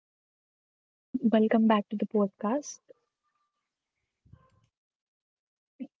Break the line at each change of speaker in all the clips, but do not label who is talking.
Hello everyone, welcome back to the podcast.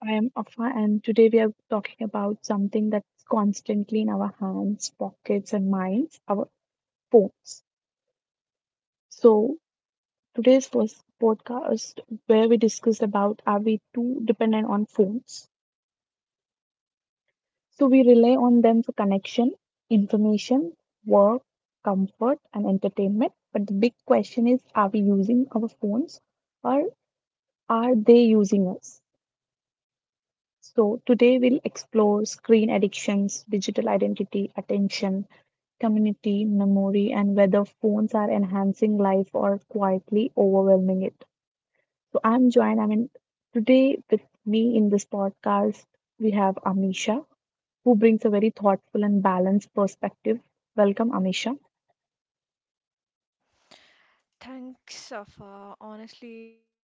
I am Afa, and today we are talking about something that's constantly in our hands, pockets, and minds: our phones. So, today's first podcast, where we discuss about, are we too dependent on phones? So, we rely on them for connection, information, work, comfort, and entertainment. But the big question is, are we using our phones or are they using us? So, today we'll explore screen addictions, digital identity, attention, community, memory, and whether phones are enhancing life or quietly overwhelming it. So, I'm joined, I mean, today with me in this podcast, we have Amisha, who brings a very thoughtful and balanced perspective. Welcome, Amisha.
Thanks, Safa. Honestly,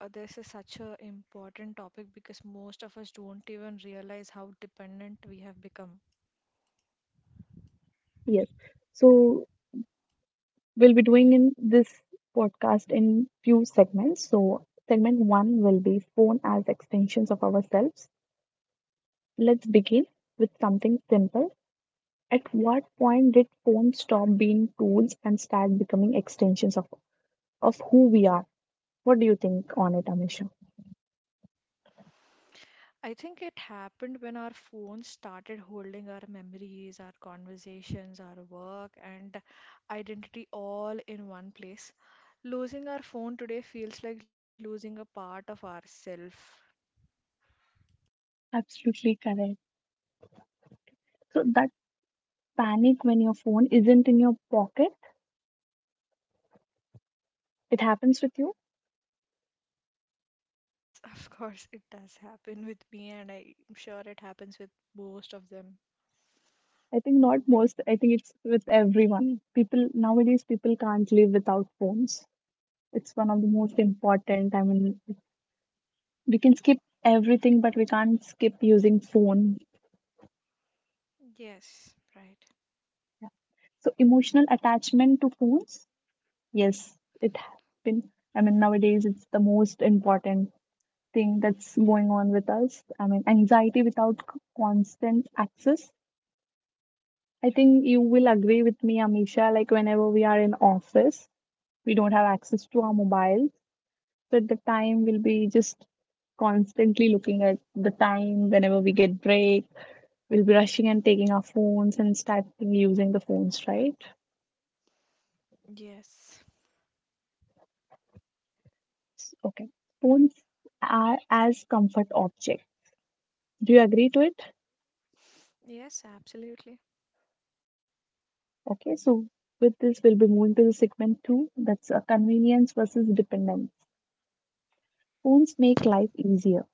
this is such a important topic because most of us don't even realize how dependent we have become.
Yes. So, we'll be doing in this podcast in few segments. So, segment one will be phone as extensions of ourselves. Let's begin with something simple. At what point did phones stop being tools and start becoming extensions of who we are? What do you think on it, Amisha?
I think it happened when our phones started holding our memories, our conversations, our work, and identity all in one place. Losing our phone today feels like losing a part of ourself.
Absolutely correct. So that panic when your phone isn't in your pocket, it happens with you.
Yes, of course, it does happen with me, and I'm sure it happens with most of them.
I think not most, I think it's with everyone. People can't live without phones. It's one of the most important. I mean, we can skip everything, but we can't skip using phone.
Yes, right.
So, emotional attachment to phones. Yes, it has been. I mean, nowadays it's the most important thing that's going on with us. I mean, anxiety without constant access. I think you will agree with me, Amisha, like whenever we are in office, we don't have access to our mobile. So at the time, we'll be just constantly looking at the time. Whenever we get break, we'll be rushing and taking our phones and starting using the phones, right?
Yes,
Okay. Phones are as comfort object. Do you agree to it?
yes, absolutely.
Okay, so with this, we'll be moving to the segment two, that's convenience versus dependence. Phones make life easier.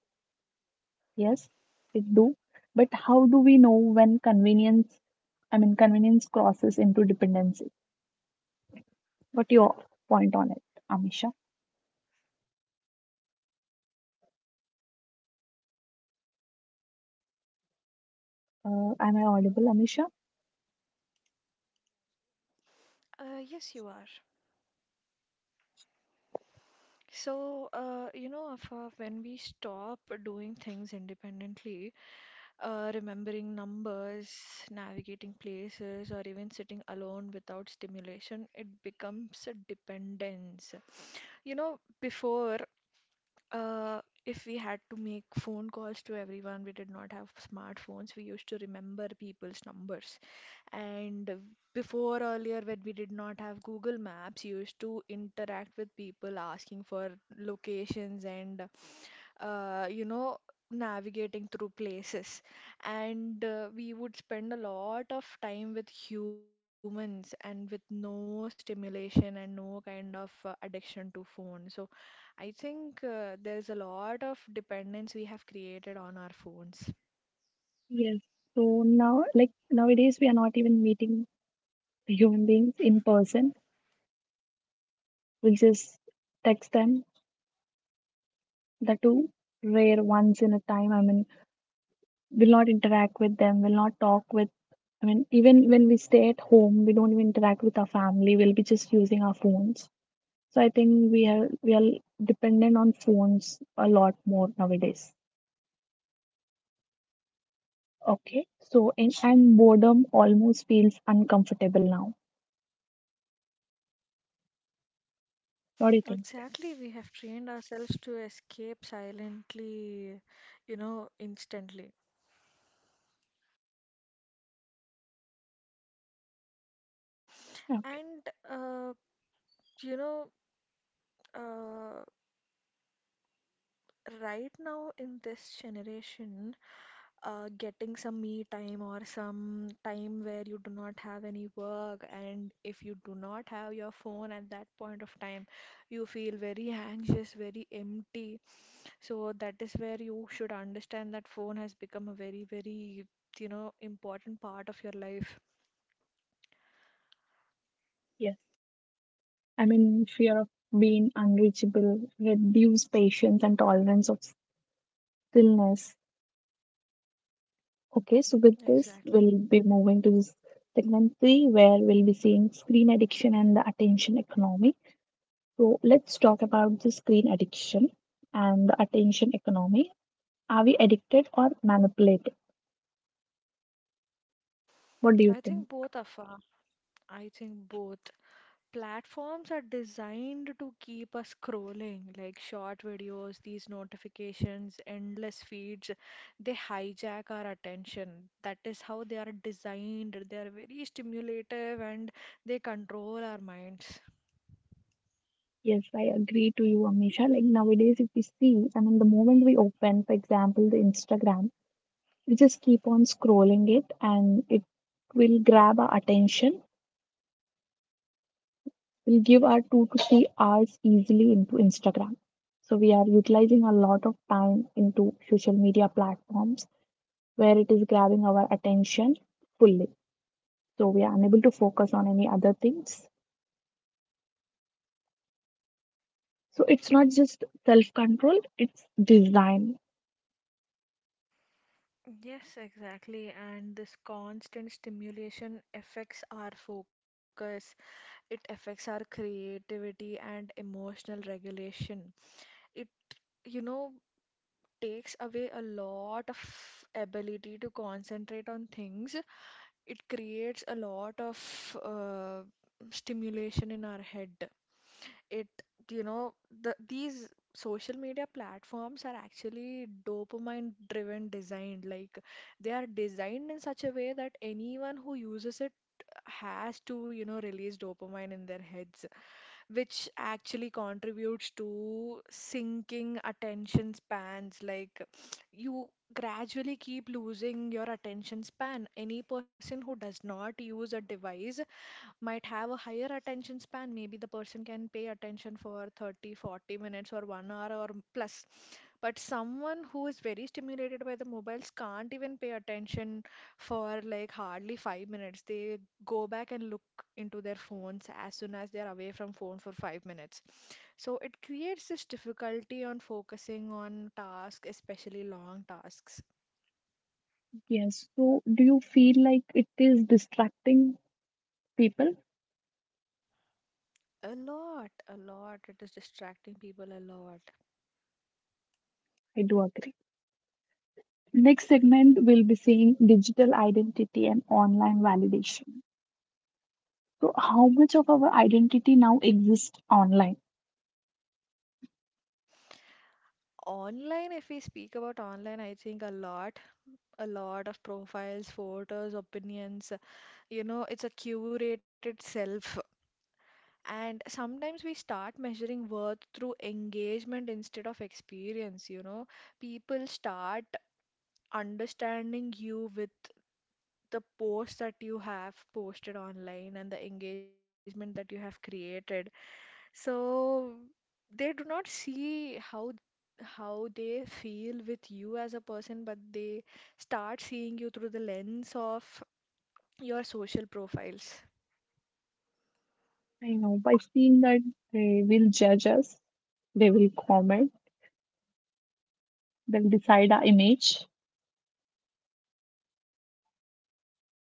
Yes, it do. But how do we know when convenience crosses into dependency? What your point on it, Amisha? Am I audible, Amisha?
Yes, you are. So Afa, when we stop doing things independently, remembering numbers, navigating places, or even sitting alone without stimulation, it becomes a dependence. You know, before, if we had to make phone calls to everyone, we did not have smartphones, we used to remember people's numbers. And before earlier, when we did not have Google Maps, you used to interact with people asking for locations and, uh, you know, navigating through places. And we would spend a lot of time with humans and with no stimulation and no kind of addiction to phone. So I think there's a lot of dependence we have created on our phones.
Yes. So now, like nowadays, we are not even meeting the human beings in person. We just text them. That too rare, once in a time. I mean, will not interact with them, will not talk with, I mean, even when we stay at home, we don't even interact with our family. We'll be just using our phones. So I think we are dependent on phones a lot more nowadays. Okay. So, and boredom almost feels uncomfortable now. What do you think?
Exactly, we have trained ourselves to escape silently, instantly.
Okay,
And, uh, you know, uh, right now in this generation, getting some me time or some time where you do not have any work, and if you do not have your phone at that point of time, you feel very anxious, very empty. So that is where you should understand that phone has become a very, very, important part of your life.
yes. I mean, fear of being unreachable, reduce patience and tolerance of stillness. Okay, so with this, we'll
Exactly.
be moving to segment three, where we'll be seeing screen addiction and the attention economy. So let's talk about the screen addiction and the attention economy. Are we addicted or manipulated? What do you
I
think?
think both, Afa. I think both platforms are designed to keep us scrolling, like short videos, these notifications, endless feeds. They hijack our attention. That is how they are designed. They are very stimulative and they control our minds.
Yes, I agree to you, Amisha. Like nowadays, if we see, I mean, the moment we open, for example, the Instagram, we just keep on scrolling it and it will grab our attention, will give our 2 to 3 hours easily into Instagram. So we are utilizing a lot of time into social media platforms where it is grabbing our attention fully. So we are unable to focus on any other things. So it's not just self control, it's design.
Yes, exactly. And this constant stimulation affects our focus, it affects our creativity and emotional regulation. It you know takes away a lot of ability to concentrate on things. It creates a lot of uh, stimulation in our head. It, you know, the these social media platforms are actually dopamine driven designed. Like they are designed in such a way that anyone who uses it has to, release dopamine in their heads, which actually contributes to sinking attention spans. Like you gradually keep losing your attention span. Any person who does not use a device might have a higher attention span. Maybe the person can pay attention for 30, 40 minutes or 1 hour or plus. But someone who is very stimulated by the mobiles can't even pay attention for like hardly 5 minutes. They go back and look into their phones as soon as they are away from phone for 5 minutes. So it creates this difficulty on focusing on tasks, especially long tasks.
Yes. So do you feel like it is distracting people?
A lot, a lot, it is distracting people a lot.
I do agree. Next segment, we'll be seeing digital identity and online validation. So, how much of our identity now exists online?
Online, if we speak about online, I think a lot of profiles, photos, opinions, it's a curated self. And sometimes we start measuring worth through engagement instead of experience. People start understanding you with the posts that you have posted online and the engagement that you have created. So they do not see how they feel with you as a person, but they start seeing you through the lens of your social profiles.
I know by seeing that they will judge us, they will comment, they'll decide our image,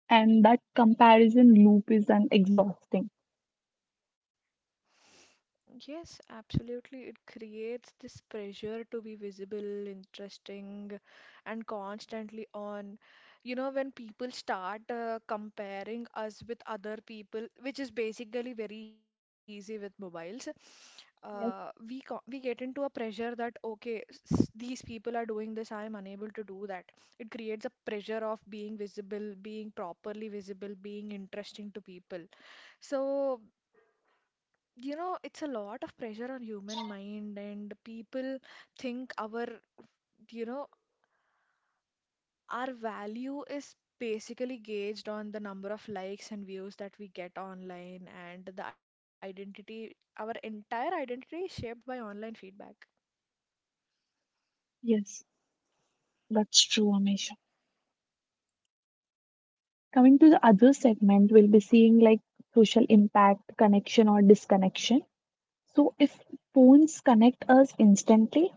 and that comparison loop is an exhausting.
Yes, absolutely. It creates this pressure to be visible, interesting, and constantly on. When people start comparing us with other people, which is basically very easy with mobiles, we
Yes,
co- we get into a pressure that okay, these people are doing this, I am unable to do that. It creates a pressure of being visible, being properly visible, being interesting to people, so it's a lot of pressure on human mind, and people think our you know our value is basically gauged on the number of likes and views that we get online, and the identity our entire identity is shaped by online feedback.
yes, that's true, Amisha. Coming to the other segment, we'll be seeing like social impact, connection, or disconnection. So, if phones connect us instantly,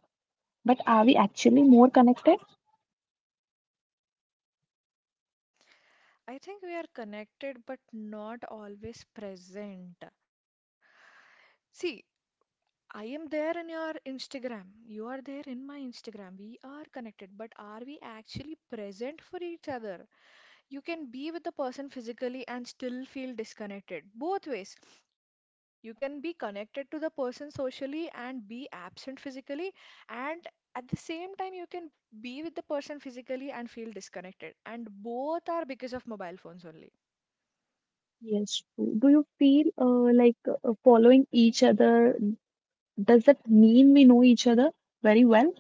but are we actually more connected?
I think we are connected but not always present. See, I am there in your Instagram. You are there in my Instagram. We are connected, but are we actually present for each other? You can be with the person physically and still feel disconnected. Both ways. You can be connected to the person socially and be absent physically, and at the same time, you can be with the person physically and feel disconnected. And both are because of mobile phones only.
Yes, true. Do you feel, like following each other? Does that mean we know each other very well?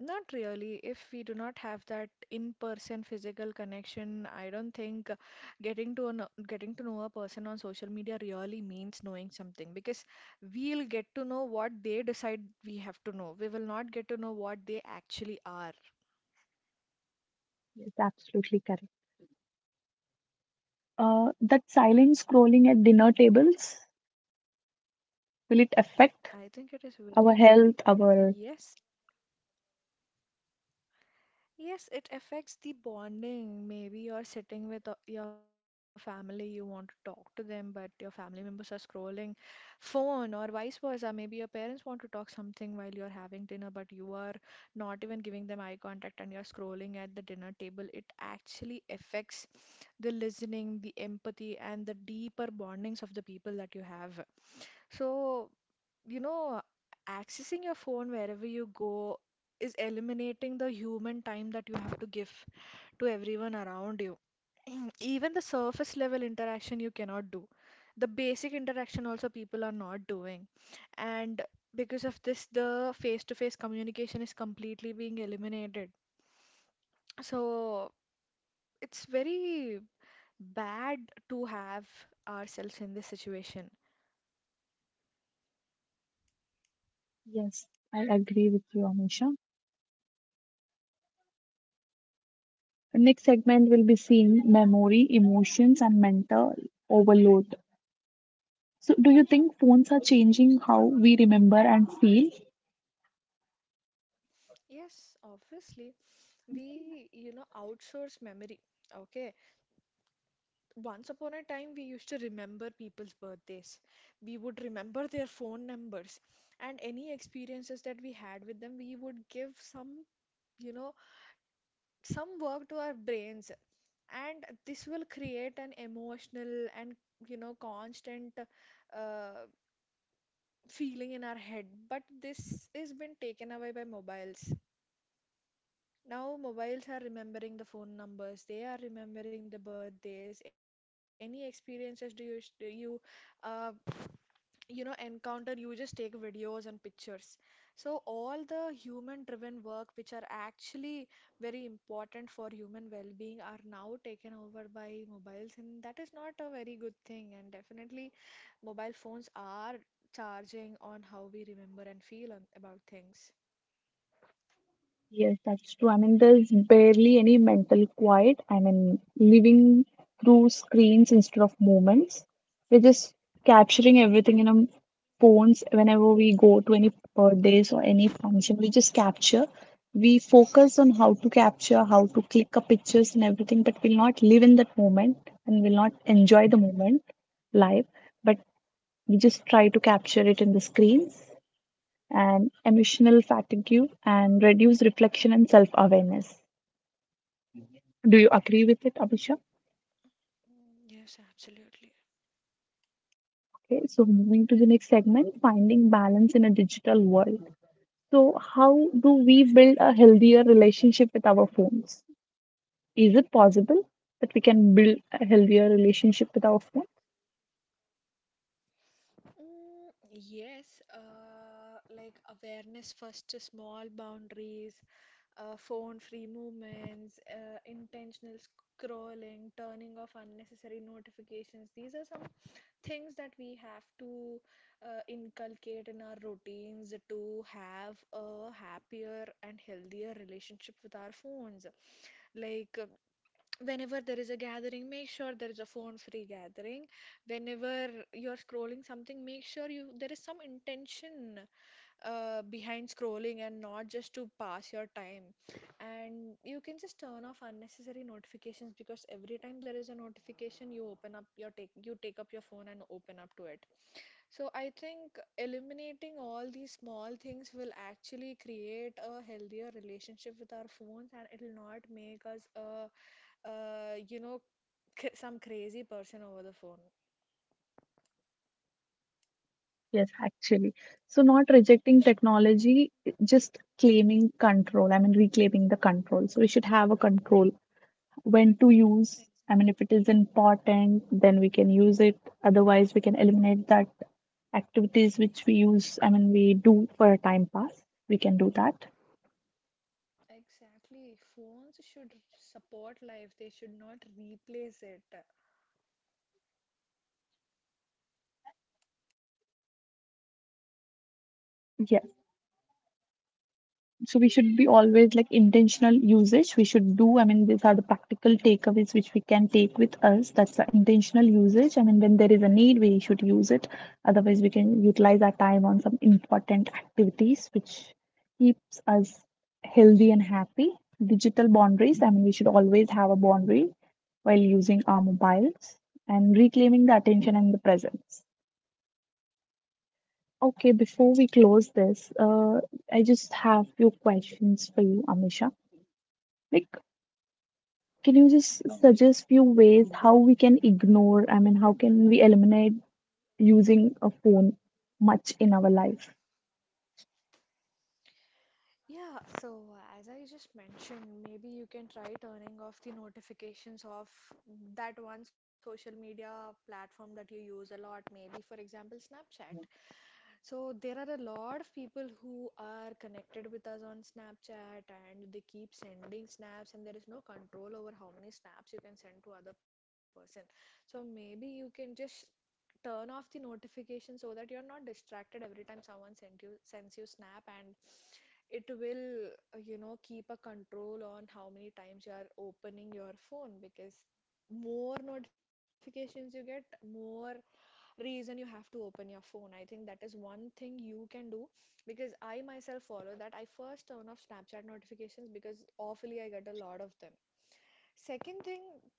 Not really. If we do not have that in-person physical connection, I don't think getting to know a person on social media really means knowing something because we'll get to know what they decide we have to know. We will not get to know what they actually are.
Yes, absolutely correct. That silent scrolling at dinner tables, will it affect
I think it is very,
our health, our...
yes. Yes, it affects the bonding. Maybe you're sitting with your family, you want to talk to them, but your family members are scrolling phone or vice versa. Maybe your parents want to talk something while you're having dinner, but you are not even giving them eye contact and you're scrolling at the dinner table. It actually affects the listening, the empathy, and the deeper bondings of the people that you have. So you know, accessing your phone wherever you go is eliminating the human time that you have to give to everyone around you. Even the surface level interaction you cannot do. The basic interaction also people are not doing. And because of this, the face-to-face communication is completely being eliminated. So it's very bad to have ourselves in this situation.
Yes, I agree with you, Amisha. Next segment will be seeing memory, emotions, and mental overload. So, do you think phones are changing how we remember and feel?
Yes, obviously. We, outsource memory. Okay. Once upon a time, we used to remember people's birthdays. We would remember their phone numbers and any experiences that we had with them. We would give you know, some work to our brains. And this will create an emotional and, constant uh, feeling in our head. But this has been taken away by mobiles. Now, mobiles are remembering the phone numbers, they are remembering the birthdays. Any experiences do you uh, you know encounter, you just take videos and pictures. So all the human driven work which are actually very important for human well being are now taken over by mobiles, and that is not a very good thing. And definitely mobile phones are charging on how we remember and feel about things.
Yes, that's true. I mean, there's barely any mental quiet. I mean, living through screens instead of moments. We're just capturing everything in our phones. Whenever we go to any birthdays or any function, we just capture. We focus on how to capture, how to click up pictures and everything, but we'll not live in that moment and we'll not enjoy the moment live. But we just try to capture it in the screen, and emotional fatigue and reduce reflection and self awareness. Do you agree with it, Abhishek?
Yes, absolutely.
Okay, so moving to the next segment, finding balance in a digital world. So, how do we build a healthier relationship with our phones? Is it possible that we can build a healthier relationship with our phone?
Yes, like awareness first, small boundaries, phone-free movements, intentional scrolling, turning off unnecessary notifications. These are some things that we have to inculcate in our routines to have a happier and healthier relationship with our phones. Like whenever there is a gathering, make sure there is a phone-free gathering. Whenever you're scrolling something, make sure you there is some intention behind scrolling and not just to pass your time. And you can just turn off unnecessary notifications because every time there is a notification, you open up your take you take up your phone and open up to it. So I think eliminating all these small things will actually create a healthier relationship with our phones, and it'll not make us a, you know, c- some crazy person over the phone.
Yes, actually. So, not rejecting technology, just claiming control. I mean, reclaiming the control. So, we should have a control when to use. I mean,
Exactly.
if it is important, then we can use it. Otherwise, we can eliminate that activities which we use. I mean, we do for a time pass. We can do that.
Exactly. Phones should support life. They should not replace it.
So we should be always like intentional usage we should do. I mean, these are the practical takeaways which we can take with us. That's the intentional usage. I mean, when there is a need we should use it, otherwise we can utilize our time on some important activities which keeps us healthy and happy. Digital boundaries, I mean, we should always have a boundary while using our mobiles, and reclaiming the attention and the presence. Okay, before we close this, I just have few questions for you, Amisha. Like, can you just suggest few ways how we can how can we eliminate using a phone much in our life?
Yeah, so as I just mentioned, maybe you can try turning off the notifications of that one social media platform that you use a lot, maybe for example, Snapchat. So there are a lot of people who are connected with us on Snapchat and they keep sending snaps and there is no control over how many snaps you can send to other person. So maybe you can just turn off the notification so that you're not distracted every time someone send you sends you snap, and it will keep a control on how many times you are opening your phone because more notifications you get, more reason you have to open your phone. I think that is one thing you can do because I myself follow that. I first turn off Snapchat notifications because awfully I get a lot of them. Second thing,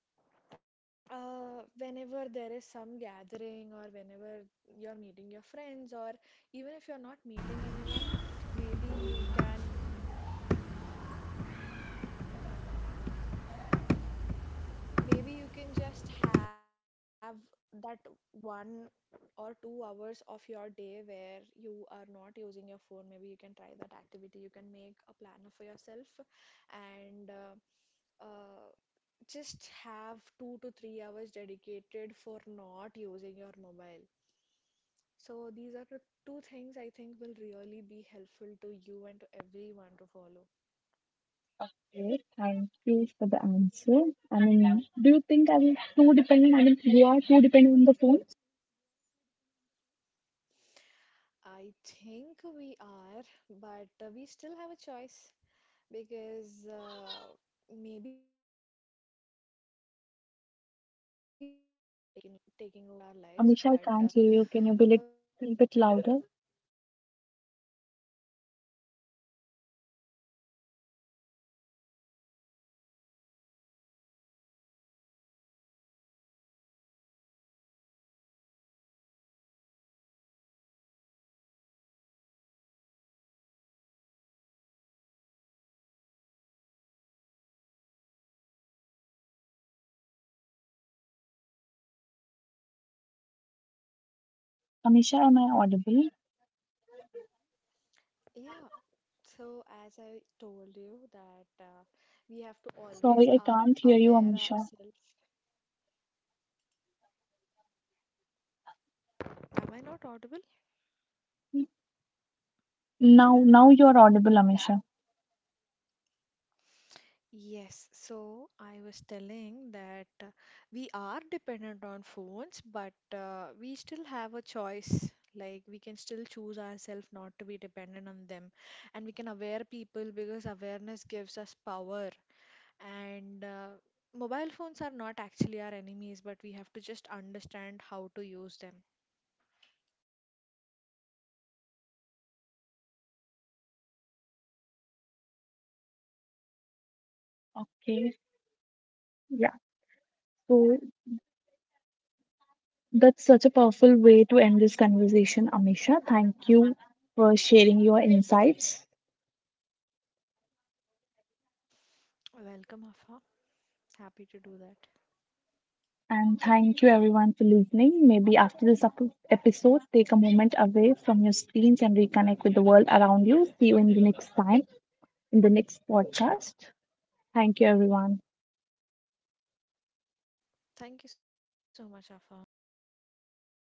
whenever there is some gathering or whenever you're meeting your friends or even if you're not meeting anyone, maybe you can Maybe you can just have that 1 or 2 hours of your day where you are not using your phone. Maybe you can try that activity. You can make a planner for yourself and uh, just have 2 to 3 hours dedicated for not using your mobile. So these are the two things I think will really be helpful to you and to everyone to follow.
Okay, thank you for the answer. I mean, do you think I'm too dependent? I mean, we are too dependent on the phones.
I think we are, but we still have a choice. Because maybe people are not aware of how mobile phones are taking over our lives, but
Amisha, I can't hear
we
you.
can
Can you be a
always make them
little bit
aware, and
louder?
awareness gives us power. So phones are not our enemies. We have to just use them mindlessly.
Amisha, am I audible?
Yeah, so as I told you that we have to
Sorry,
always
I can't hear you,
aware
Amisha.
ourselves. Am I not audible?
Now you're audible, Amisha.
Yes, so I was telling that we are dependent on phones, but we still have a choice. Like we can still choose ourselves not to be dependent on them, and we can aware people because awareness gives us power. And mobile phones are not actually our enemies, but we have to just understand how to use them.
Okay, yeah. So that's such a powerful way to end this conversation, Amisha. Thank you for sharing your insights.
Welcome, Afa. Happy to do that.
And thank you everyone for listening. Maybe after this episode, take a moment away from your screens and reconnect with the world around you. See you in the next time in the next podcast. Thank you, everyone.
Thank you so much, Afa.